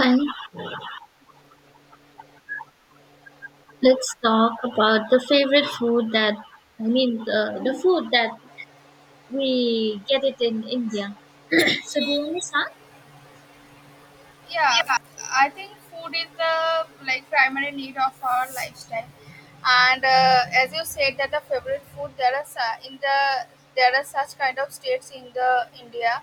And let's talk about the favorite food that the food that we get it in India. So do you want to start? Yeah, I think food is the primary need of our lifestyle, and as you said that the favorite food, there are su- in the there are such kind of states in the India.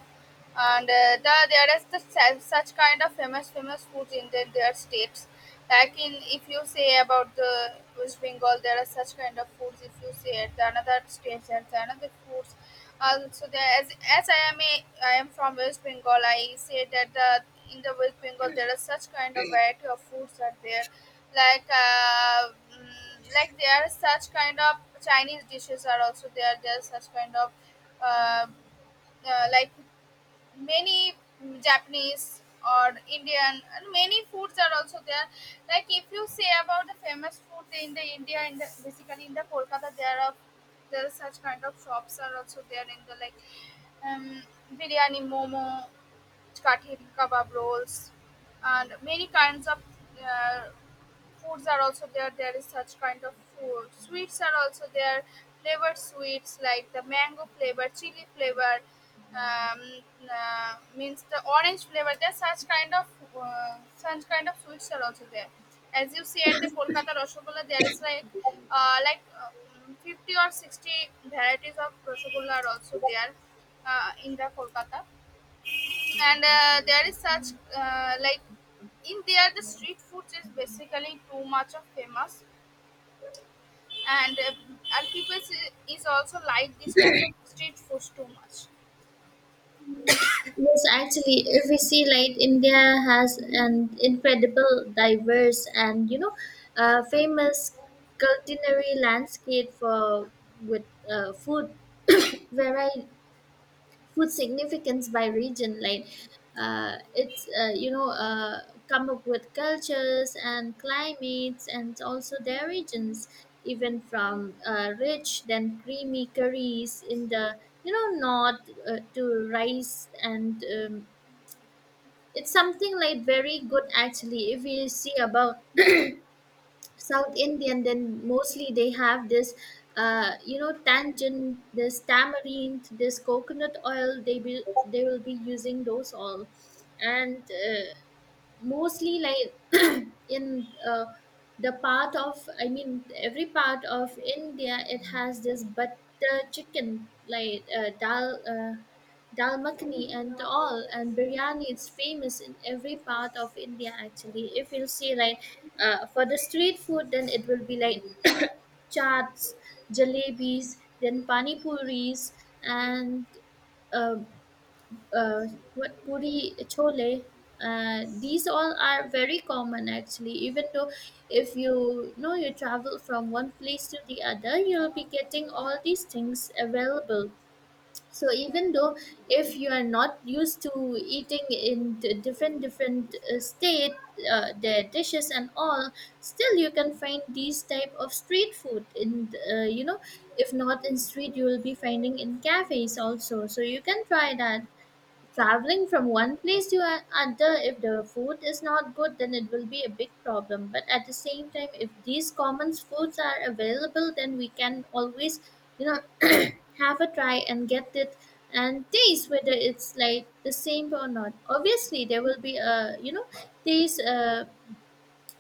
And there is the such kind of famous foods in their states. Like in, if you say about the West Bengal, there are such kind of foods. If you say at the another states, there are another foods. So there, as I am I am from West Bengal, I say that the in the West Bengal there are such kind of variety of foods are there, like there are such kind of Chinese dishes are also there. There are such kind of uh, uh, like many Japanese or Indian and many foods are also there. Like if you say about the famous food in the India, in the basically in the Kolkata, there are such kind of shops are also there in the like um, biryani, momo, kathi kebab rolls, and many kinds of uh, foods are also there. There is such kind of food. Sweets are also there. Flavored sweets like the mango flavor, chili flavor, um, means the orange flavor. There's such kind of sweets are also there. As you see at the Kolkata Rasgulla, there is like uh, like uh, 50 or 60 varieties of Rasgulla are also there in the Kolkata. And there is such like in there the street food is basically too much of famous, and uh, and people is also like this types of street foods too much. Yes, actually, if we see like India has an incredible, diverse, and famous culinary landscape for with food variety food significance by region like it's you know come up with cultures and climates and also their regions even from rich then creamy curries in the you know north, to rice and it's something like very good actually. If you see about South Indian, then mostly they have this, tangent, this tamarind, this coconut oil. They will be using those all, and mostly like in the part of I mean every part of India, it has this butter chicken like dal dal makhani and all, and biryani, it's famous in every part of India. Actually, if you'll see like, for the street food, then it will be like chaats, jalebis, then pani puris, and uh, uh, what puri, chole, these all are very common actually. Even though if you know you travel from one place to the other, you'll be getting all these things available. So Yeah. even though if you are not used to eating in different different state, their dishes and all, still you can find these type of street food in if not in street, you will be finding in cafes also, so you can try that. Traveling from one place to another, if the food is not good, then it will be a big problem, but at the same time, if these common foods are available, then we can always, you know, have a try and get it and taste whether it's like the same or not. Obviously there will be a, you know, taste,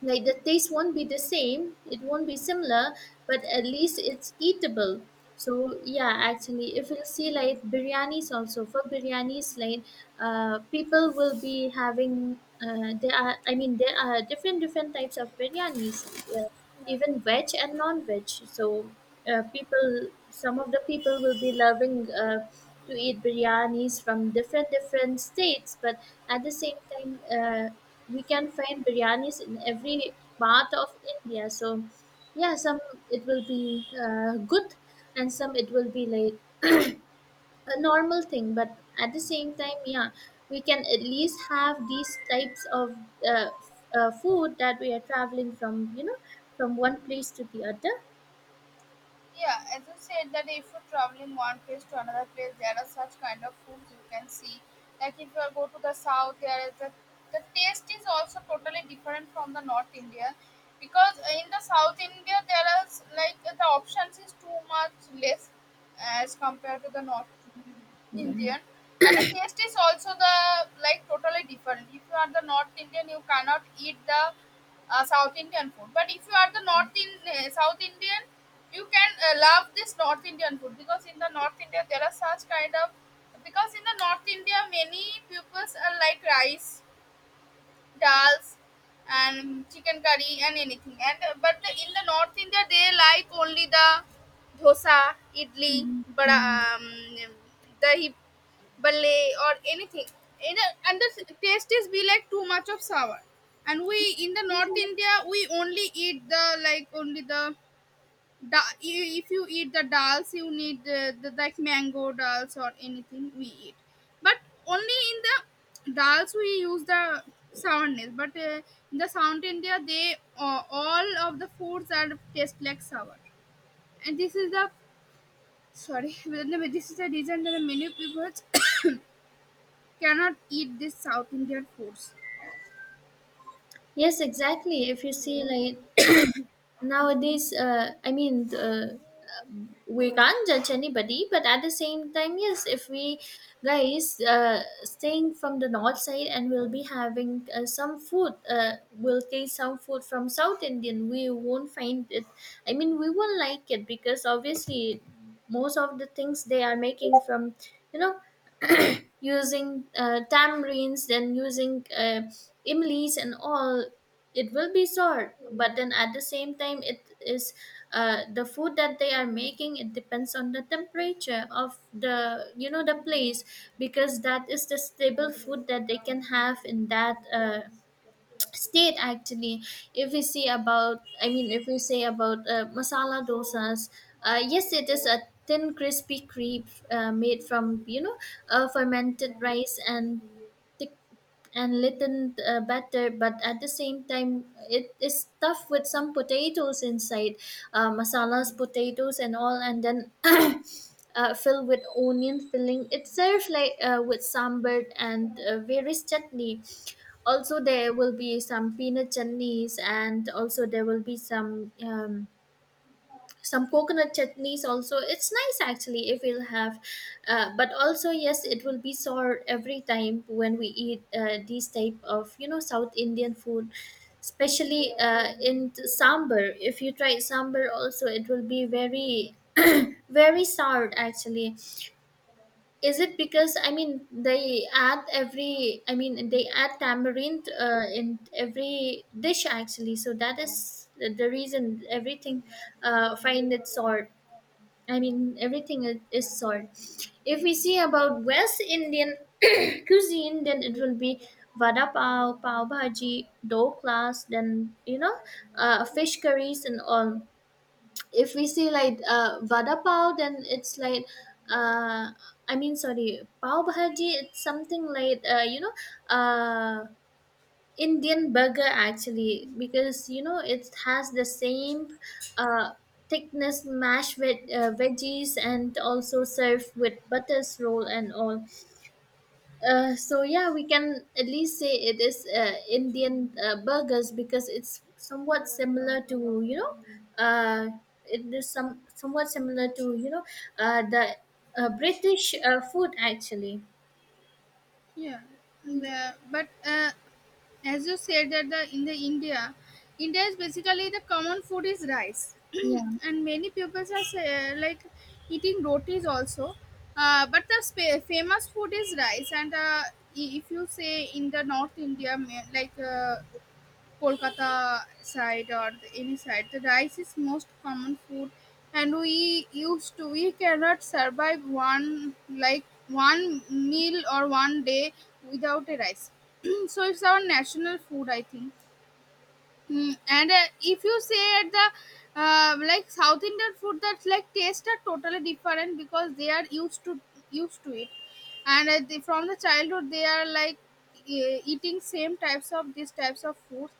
like the taste won't be the same, it won't be similar, but at least it's eatable. So yeah, actually, if you see like biryanis, also for biryanis like, people will be having, there are different different types of biryanis, uh, even veg and non-veg. So people, some of the people will be loving to eat biryanis from different different states, but at the same time, we can find biryanis in every part of India. So yeah, some it will be good, and some it will be like a normal thing, but at the same time, yeah, we can at least have these types of food that we are traveling from, you know, from one place to the other. Yeah, as I said that if you're traveling one place to another place, there are such kind of foods you can see. Like if you are go to the south, there is the taste is also totally different from the North India, because in the South India there is like the options is too much less as compared to the North Yeah. Indian, and the taste is also the like totally different. If you are the North Indian, you cannot eat the South Indian food. But if you are the North in South Indian, you can love this North Indian food, because in the North India there are such kind of, because in the North India many peoples are like rice, dals, and chicken curry and anything. And in the North India they like only the dosa, idli, Mhm. but Mhm. Dahi balle or anything. In and the taste is be like too much of sour, and we in the North India we only eat the like only the if you eat the dals you need the like mango dals or anything we eat. But only in the dals we use the sourness. But in the South India they, all of the foods are taste like sour, and this is the, sorry this is the reason that many people cannot eat this South Indian foods. Yes, exactly. If you see like nowadays, we can't judge anybody, but at the same time, yes, if we guys staying from the north side and we'll be having some food, we'll taste some food from south Indian, we won't find it, I mean we won't like it, because obviously most of the things they are making from, you know, using tamarinds, then using imlis and all, it will be sour. But then at the same time, it is the food that they are making. It depends on the temperature of the, you know, the place, because that is the stable food that they can have in that state actually. If we see about, I mean if we say about masala dosas, yes, it is a thin crispy crepe made from, you know, fermented rice, and tick and little better, but at the same time it is tough, with some potatoes inside, masalas potatoes and all, and then fill with onion filling. It's served like with sambar and various chutney. Also there will be some peanut chutneys, and also there will be some coconut chutneys also. It's nice actually if we'll have, but also yes, it will be sour every time when we eat, these type of, you know, south Indian food, especially sambar. If you try sambar also, it will be very very sour actually. Is it because, I mean they add every, I mean they add tamarind in every dish actually, so that is the reason everything find it sour. I mean, everything is salt. If we see about West Indian cuisine, then it will be vada pav, pav bhaji, doklas, then, you know, fish curries and all. If we see like vada pav, then it's like, uh, I mean, sorry, pav bhaji. It's something like, uh, Indian burger actually, because you know it has the same uh, thickness mashed with veggies and also served with butters roll and all. So yeah, we can at least say it is Indian burgers, because it's somewhat similar to, you know, uh, it is some somewhat similar to, you know, the British food actually. Yeah, Mm, but as you said that the in the India, India is basically the common food is rice, yeah. and many people are say, like eating rotis also. But the famous food is rice, and if you say in the North India, Kolkata side or any side, the rice is most common food, and we used to we cannot survive one like one meal or one day without a rice. So it's our national food, I think. Mm, and If you say at the like South Indian food, that's like taste are totally different because they are used to it, and from the childhood they are like eating same types of these types of foods,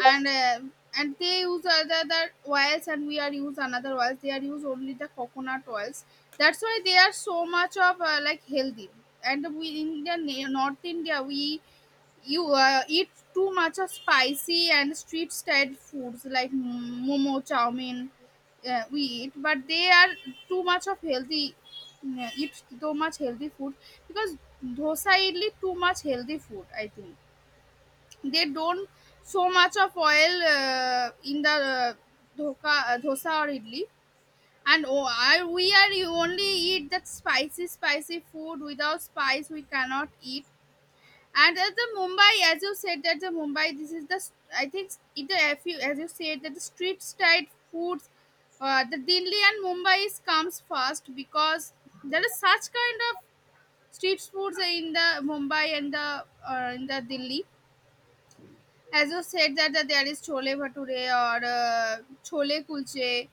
and uh, and they use other oils, and we are use another oils. They are use only the coconut oils. That's why they are so much of like healthy. And we in the North India we, you eat too much of spicy and street style foods like momo, chow mein, we eat. But they are too much of healthy, eat too much healthy food, because dosa, idli, too much healthy food, I think. They don't so much of oil in the dosa or idli. And we are you only eat that spicy food. Without spice we cannot eat. And at the Mumbai, as you said that the Mumbai this is the s- I think it if you as you said that the street style foods, the Delhi and Mumbai is comes first, because there is such kind of street foods in the Mumbai and the in the Delhi. As you said that, that there is chole bhature, or chole kulche,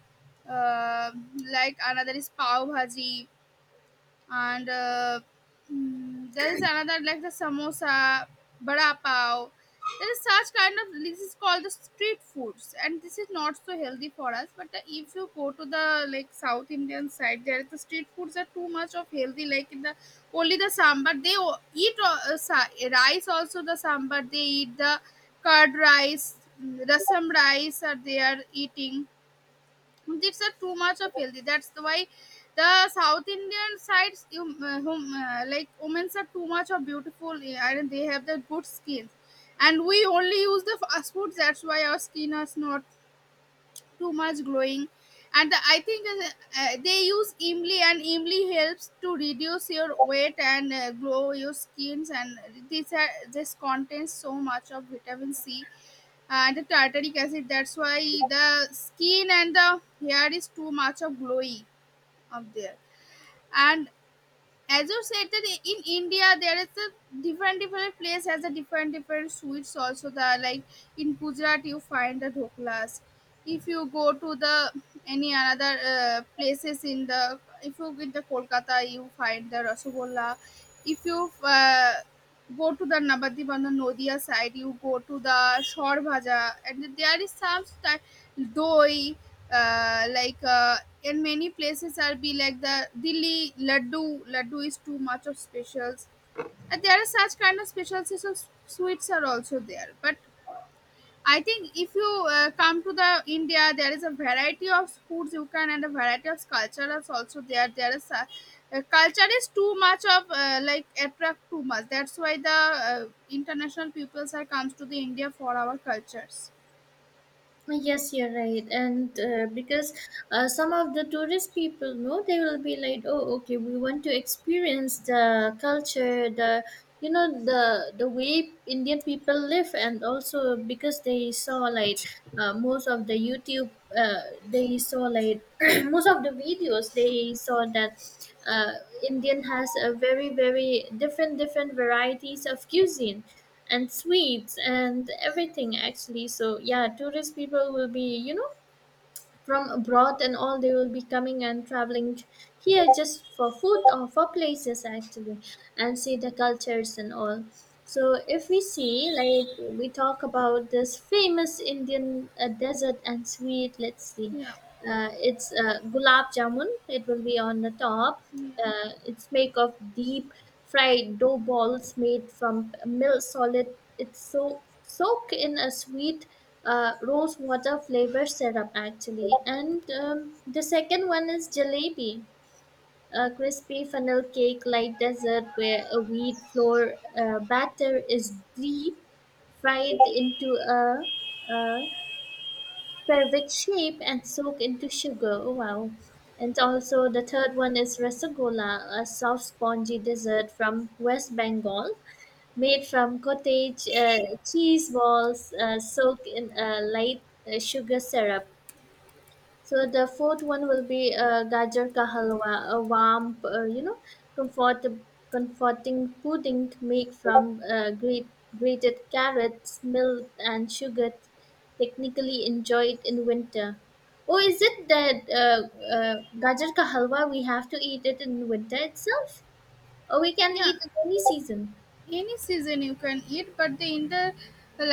uh, like another is pav bhaji, and there is another like the samosa, bada pav. There is such kind of, this is called the street foods, and this is not so healthy for us. But if you go to the like South Indian side, there the street foods are too much of healthy, like in the, only the sambar they eat, rice also the sambar they eat, the curd rice, rasam rice are they are eating. It's a too much of healthy. That's why the South Indian sides, you like women are too much of beautiful, and they have the good skins. And we only use the fast foods. That's why our skin is not too much glowing. And I think they use imli, and imli helps to reduce your weight and glow your skins, and these are, this contains so much of vitamin C and the tartaric acid. That's why the skin and the hair is too much of glowy up there. And as you said that in India there is a different place has a different sweets also. The like in Gujarat you find the dhoklas. If you go to the any another places in the, if you in the Kolkata you find the rasagolla. If you go to the Nabadip on the Nodia side, you go to the shor bhaja, and there is some style doi, uh, like uh, in many places are be like the Delhi laddu. Laddu is too much of specials, and there are such kind of specialties of sweets are also there. But I think if you come to the India, there is a variety of foods you can, and a variety of cultures also there. There is a, culture is too much of like attract too much. That's why the uh, international peoples are comes to the India for our cultures. Yes, you're right, and because some of the tourist people know they will be like, oh, okay, we want to experience the culture, the you know the way Indian people live, and also because they saw like most of the YouTube, they saw like most of the videos they saw that uh, Indian has a very very different different varieties of cuisine and sweets and everything actually. So yeah, tourist people will be, you know, from abroad and all, they will be coming and traveling here just for food or for places actually, and see the cultures and all. So if we see like, we talk about this famous Indian desert and sweet, let's see, Yeah. It's gulab jamun, it will be on the top. yeah It's made of deep fried dough balls made from milk solid. It's so soaked in a sweet rose water flavor syrup actually. And the second one is jalebi, a crispy funnel cake like dessert where a wheat flour batter is deep fried into a, a Perfect shape and soak into sugar. Oh wow. And also the third one is rasagola, a soft spongy dessert from West Bengal, made from cottage cheese balls soaked in a light sugar syrup. So the fourth one will be gajar ka halwa, a warm, comfort, comforting pudding made from grated carrots, milk, and sugar. Technically enjoyed in winter. Oh, is it that gajar ka halwa? We have to eat it in winter itself, or we can yeah, eat it any season? any season you can eat, but the in the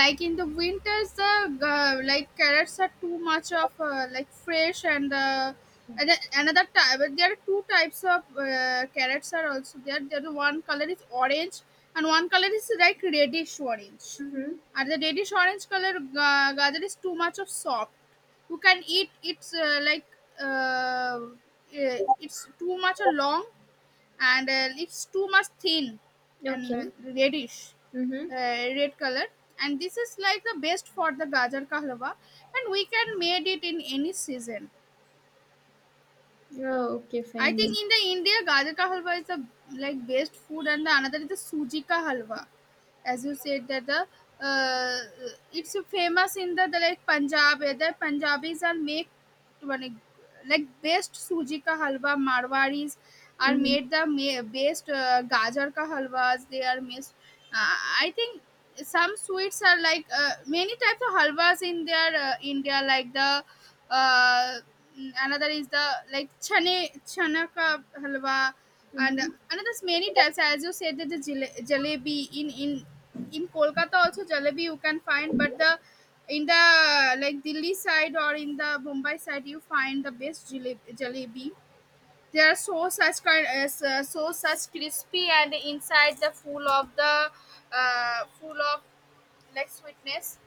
like in the winters the like carrots are too much of like fresh, and then another type, there are two types of carrots are also there. There the one color is orange and one color is like reddish orange. Mm-hmm. And the reddish orange color gather is too much of soft, you can eat. It's uh, it's too much a long, and leaves too much thin, and Okay. Mm-hmm. Red color. And this is like the best for the gajar ka halwa, and we can made it in any season. Oh, okay, I fine, think then. in the India, gajar ka halwa is the like best food, and the another is the suji ka halwa. As you said that the uh, it's famous in the like Punjab, where the Punjabis are make one like best suji ka halwa. Marwaris are Mhm. made the best gajar ka halwas they are made. I think some sweets are like many types of halwas in their India, like the uh, another is the like chane chana ka halwa. And Mhm. another is many types, as you said that the jalebi, in Kolkata also jalebi you can find. But the in the like Delhi side or in the Mumbai side you find the best jalebi. They are so such kind as so such crispy and inside the full of like sweetness.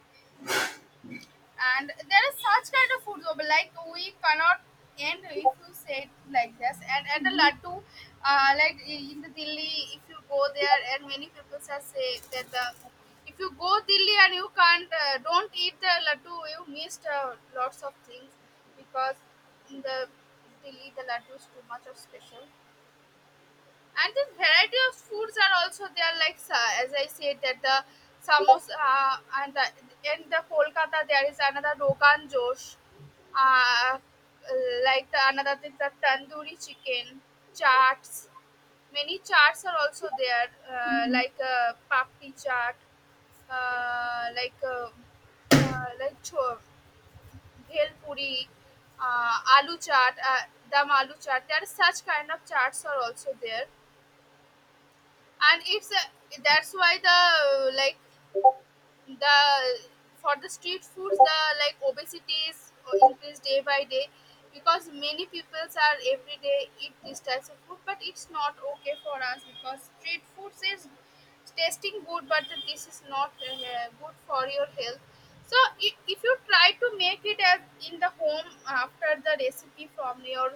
And there is such kind of food though, like we cannot end if you say it like this. And at the laddu, like in the delhi if you go there and many people are say that the if you go delhi and you can't don't eat the laddu you missed lots of things because in the delhi the laddu is too much of special. And the variety of foods are also there like as I said that the samosa and the, in the kolkata there is another rogan josh, uh, like the another thing the tandoori chicken charts. Many charts are also there, Mhm. like papdi chaat, uh, like uh, uh, like cho- bhel puri, aloo chaat, dam aloo chaat. There are such kind of charts are also there. And it's a, that's why the like the for the street foods the like obesity is increased day by day, because many peoples are every day eat these types of food, but it's not okay for us because street foods is tasting good but this is not good for your health. So if you try to make it as in the home after the recipe from your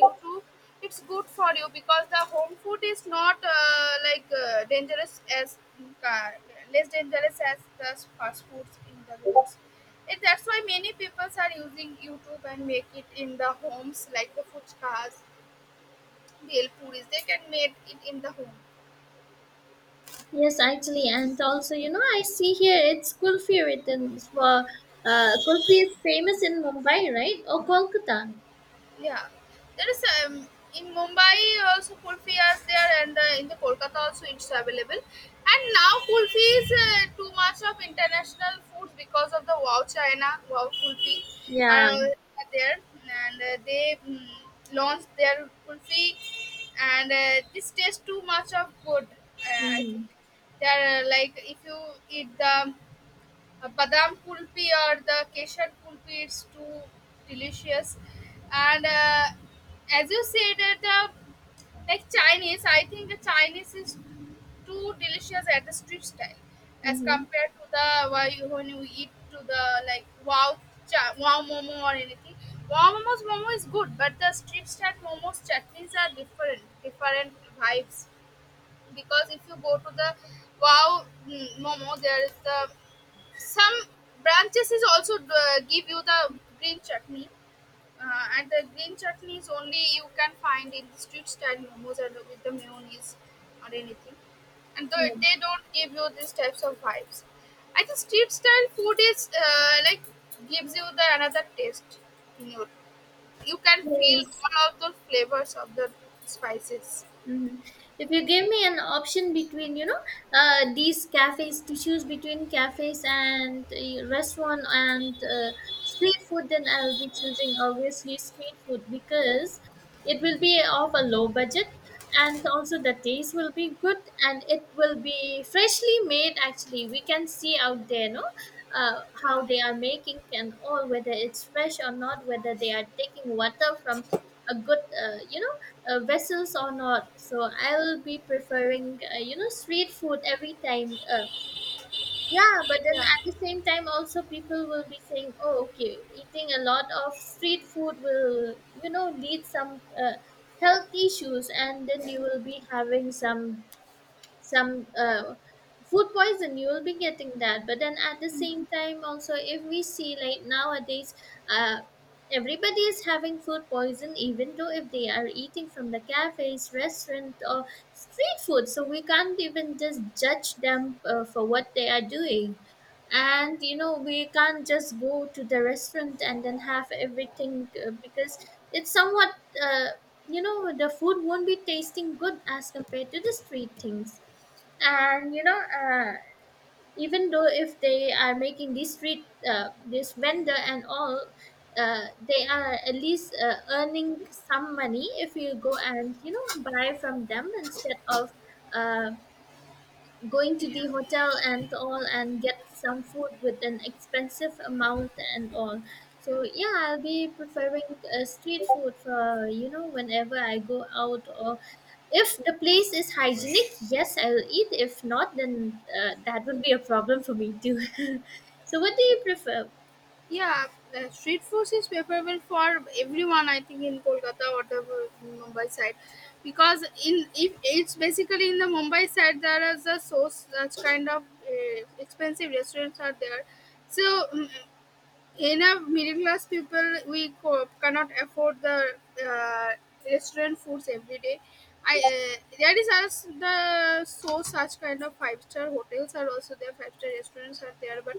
youtube, it's good for you because the home food is not like dangerous as uh, less dangerous as the fast foods in the roads. And that's why many people are using youtube and make it in the homes like the fuchkas, bhel puris, they can make it in the home. Yes, actually, and also, you know, I see here it's Kulfi written for, Kulfi is famous in Mumbai, right? Or Kolkata. Yeah, there is in Mumbai also kulfi is there, and in the Kolkata also it's available. And now kulfi is too much of international food because of the wow China wow kulfi Yeah. are there, and launched their kulfi, and this tastes too much of good. I Mm-hmm. think they are like if you eat the badam kulfi or the kesar kulfi it's too delicious. And as you said the like chinese, I think the chinese is too delicious at the street style as Mm-hmm. compared to the when you eat to the like wow wow momo or anything. Wow momo's momo is good but the street style momo's chutneys are different different vibes, because if you go to the wow momo there is the some branches is also give you the green chutney, and the green chutney is only you can find in street style momos and with the mayonnaise or anything. And Yeah. though they don't give you these types of vibes, I think street style food is like gives you the another taste in your. You can feel Yes. all of the flavors of the spices. Mhm. If you give me an option between, you know, these cafes, to choose between cafes and restaurant and street food, then I'll be choosing obviously street food, because it will be of a low budget, and also the taste will be good, and it will be freshly made. Actually, we can see out there, no, Yeah, how they are making and all, whether it's fresh or not, whether they are taking water from a good, vessels or not. So I'll be preferring, you know, street food every time. Yeah, but then yeah, at the same time, also people will be saying, oh, okay, eating a lot of street food will, you know, lead some health issues, and then you will be having some food poison you will be getting that. But then at the same time also, if we see, like, nowadays, uh, everybody is having food poison even though if they are eating from the cafes, restaurant, or street food. So we can't even just judge them, for what they are doing. And you know, we can't just go to the restaurant and then have everything, because it's somewhat, uh, you know, the food won't be tasting good as compared to the street things. And you know, even though if they are making this street, this vendor and all, they are at least earning some money if you go and, you know, buy from them instead of, uh, going to yeah. the hotel and all and get some food with an expensive amount and all. So yeah, I'll be preferring, street food for, you know, whenever I go out. Or if the place is hygienic, yes, I'll eat. If not, then, that will be a problem for me too. So what do you prefer? Yeah, the street food is preferable for everyone. I think in Kolkata or the Mumbai side, because in if it's basically in the Mumbai side there is a source that's kind of expensive restaurants are there. So mm, in a middle class people cannot afford the uh, restaurant foods every day. I there is as the so such kind of five-star hotels are also there, five-star restaurants are there, but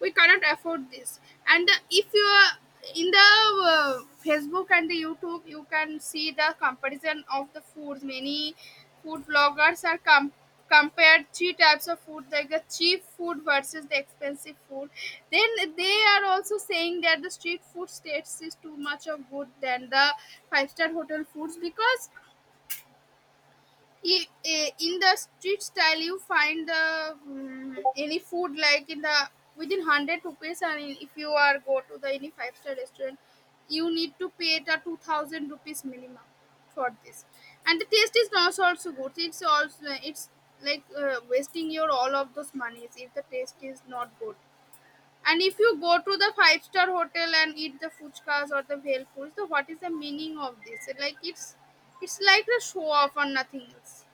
we cannot afford this. And if you are in the facebook and the youtube you can see the comparison of the foods. Many food bloggers are compared three types of food like the cheap food versus the expensive food, then they are also saying that the street food states is too much of good than the five-star hotel foods. Because I- in the street style you find the any food like in the within 100 rupees, and in- if you are go to the any five-star restaurant you need to pay the 2000 rupees minimum for this. And the taste is not also good, it's also it's like wasting your all of those monies if the taste is not good. And if you go to the five-star hotel and eat the fuchkas or the bhel puri, so what is the meaning of this, like it's like the show off or nothing else.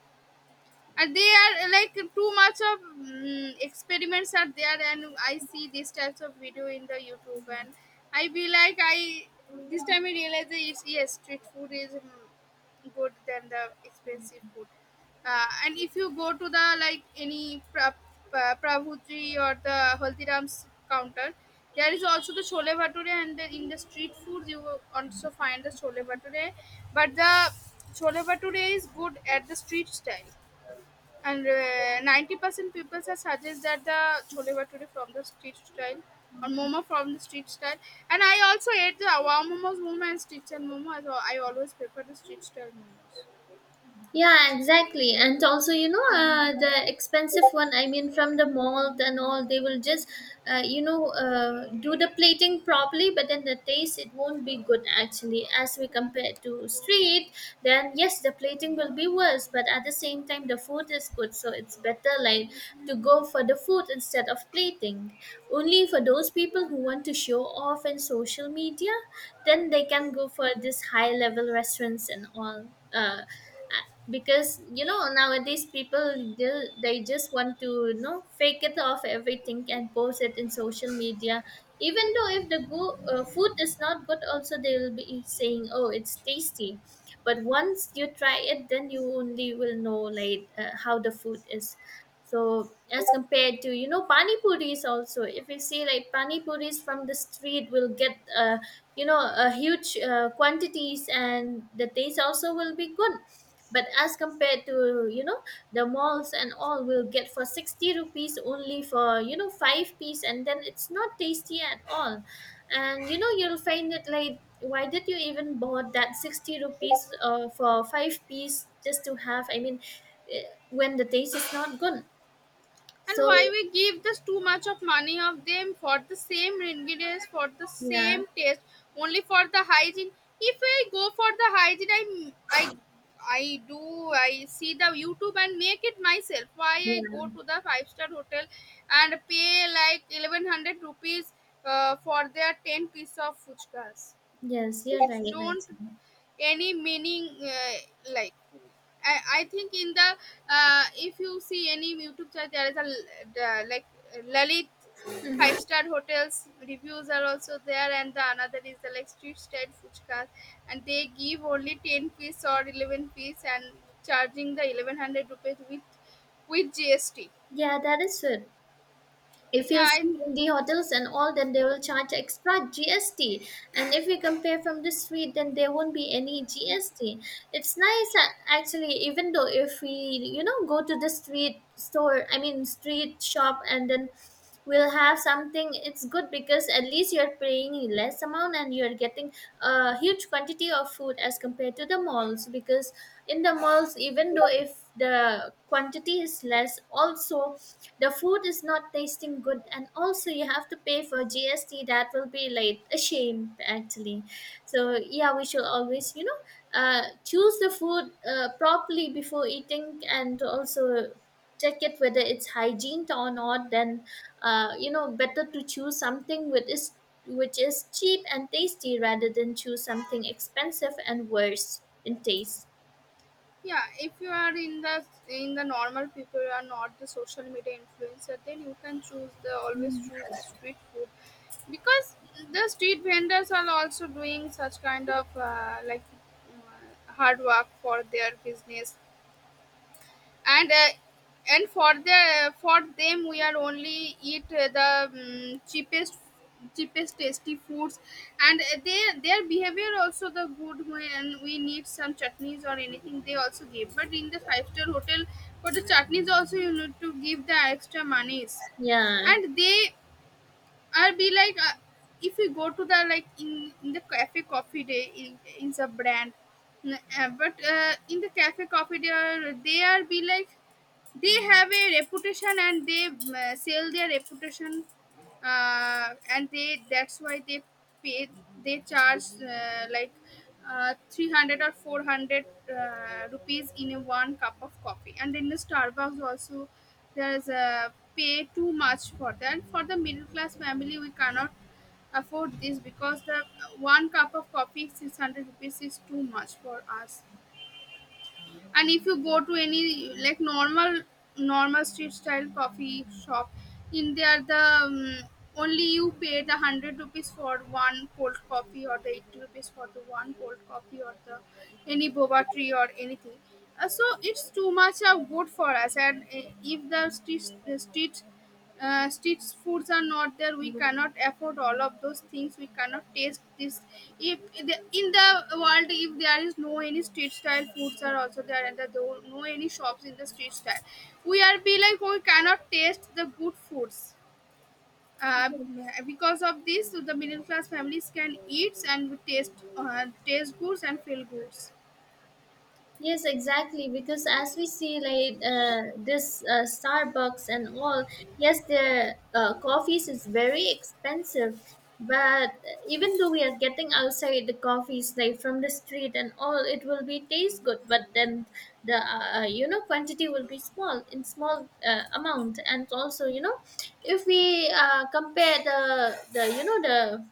And they are like too much of experiments are there, and I see these types of video in the youtube and I be like I this time I realize that it's yes, street food is good than the expensive food. And if you go to the like any pravutri or the haldiram's counter, there is also the chole bhature, and the, in the street food you will also find the chole bhature, but the chole bhature is good at the street style. And 90% people are suggest that the chole bhature from the street style or momo from the street style. And I also ate the wow momos, momo and street style momo. So I always prefer the street style momos. Yeah, exactly. And also, you know, the expensive one, I mean, from the malt and all, they will just, you know, do the plating properly, but then the taste, it won't be good actually. As we compare Yeah. to street, then yes, the plating will be worse, but at the same time, the food is good. So it's better, like, to go for the food instead of plating. Only for those people who want to show off in social media, then they can go for this high level restaurants and all. Uh, because, you know, nowadays people do, they just want to, you know, fake it off everything and post it in social media. Even though if the food is not good also, they will be saying, oh, it's tasty. But once you try it, then you only will know, like, how the food is. So as compared to, you know, pani puris also, if you see, like, pani puris from the street will get, you know, a huge quantities and the taste also will be good. But as compared to, you know, the malls and all, will get for 60 rupees only for, you know, five piece, and then it's not tasty at all. And you know, you'll find it like, why did you even bought that 60 rupees, for five piece, just to have, I mean, eh, when the taste is not good. And So why we give this too much of money of them for the same ingredients for the yeah. same taste, only for the hygiene. If I go for the hygiene, I I do, I see the youtube and make it myself. Why I go Yeah. to the five-star hotel and pay like 1100 rupees for their 10 piece of fuchkas? Yes, you're It's right don't actually. any meaning, like I think in the if you see any youtube channel there is like lalit five-star hotels reviews are also there, and the another is the like street style fuchkas, and they give only 10 piece or 11 piece and charging the 1100 rupees with gst. Yeah, that is it. If you yeah i see in the hotels and all, then they will charge extra GST. And if we compare from the street, then there won't be any GST. It's nice, actually, even though if we, you know, go to the street store, I mean street shop, and then we'll have something, it's good because at least you're paying less amount, and you're getting a huge quantity of food as compared to the malls. Because in the malls, even though if the quantity is less also, the food is not tasting good, and also you have to pay for GST. That will be like a shame, actually. So yeah, we should always, you know, choose the food properly before eating, and also check it whether it's hygiene or not. Then, you know, better to choose something which is cheap and tasty rather than choose something expensive and worse in taste. yeah, if you are in the normal people, you are not the social media influencer, then you can choose the always choose the street food. Because the street vendors are also doing such kind of like hard work for their business. And uh, and for the for them we are only eat the cheapest tasty foods. And their behavior also the good when we need some chutneys or anything they also give, but in the five-star hotel for the chutneys also you need to give the extra monies. Yeah. And they are be like, if you go to the like in the cafe coffee day, in the brand N- but in the cafe coffee day, they are be like they have a reputation and they sell their reputation. And they that's why they pay, they charge 300 or 400 rupees in a one cup of coffee. And in the starbucks also there's a pay too much for that, for the middle class family we cannot afford this, because the one cup of coffee 600 rupees is too much for us. And if you go to any like normal street style coffee shop in there the um, only you pay the 100 rupees for one cold coffee or the 80 rupees for the one cold coffee or the any boba tree or anything. So it's too much of good for us. And if the the street street foods are not there we cannot afford all of those things, we cannot taste this. If in the world if there is no any street style foods are also there and there are no any shops in the street style, we are be like we cannot taste the good foods, uh, because of this the middle class families can eat and taste taste goods and feel goods. Yes, exactly. Because as we see, like, this Starbucks and all, yes, their coffees is very expensive. But even though we are getting outside the coffees, like from the street and all, it will be taste good. But then the you know, quantity will be small, in small amount, and also, you know, if we compare the you know, the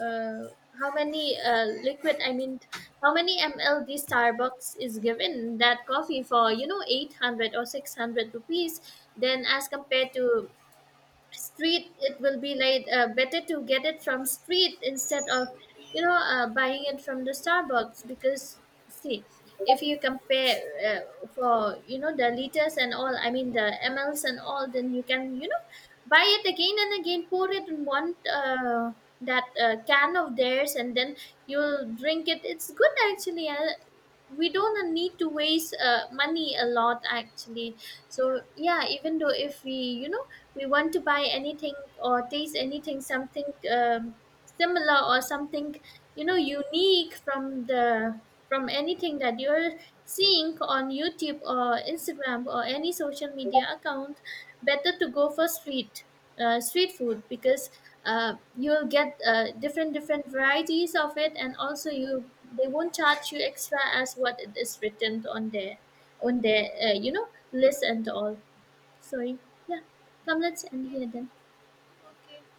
uh, how many liquid, I mean, how many ml the Starbucks is given that coffee for, you know, 800 or 600 rupees, then as compared to street, it will be like, better to get it from street instead of, you know, buying it from the Starbucks. Because, see, if you compare, uh, for you know, the liters and all, I mean the mls and all, then you can, you know, buy it again and again, pour it in one, that, can of theirs, and then you'll drink it, it's good actually. We don't need to waste, money a lot actually. Yeah. So yeah, even though if we, you know, we want to buy anything or taste anything, something, um, similar or something, you know, unique from the, from anything that you're seeing on YouTube or Instagram or any social media account, better to go for street, street food. Because, you'll get, different different varieties of it. And also you, they won't charge you extra as what it is written on their, on their, you know, list and all. Sorry. Yeah. Come, let's end here then. Okay.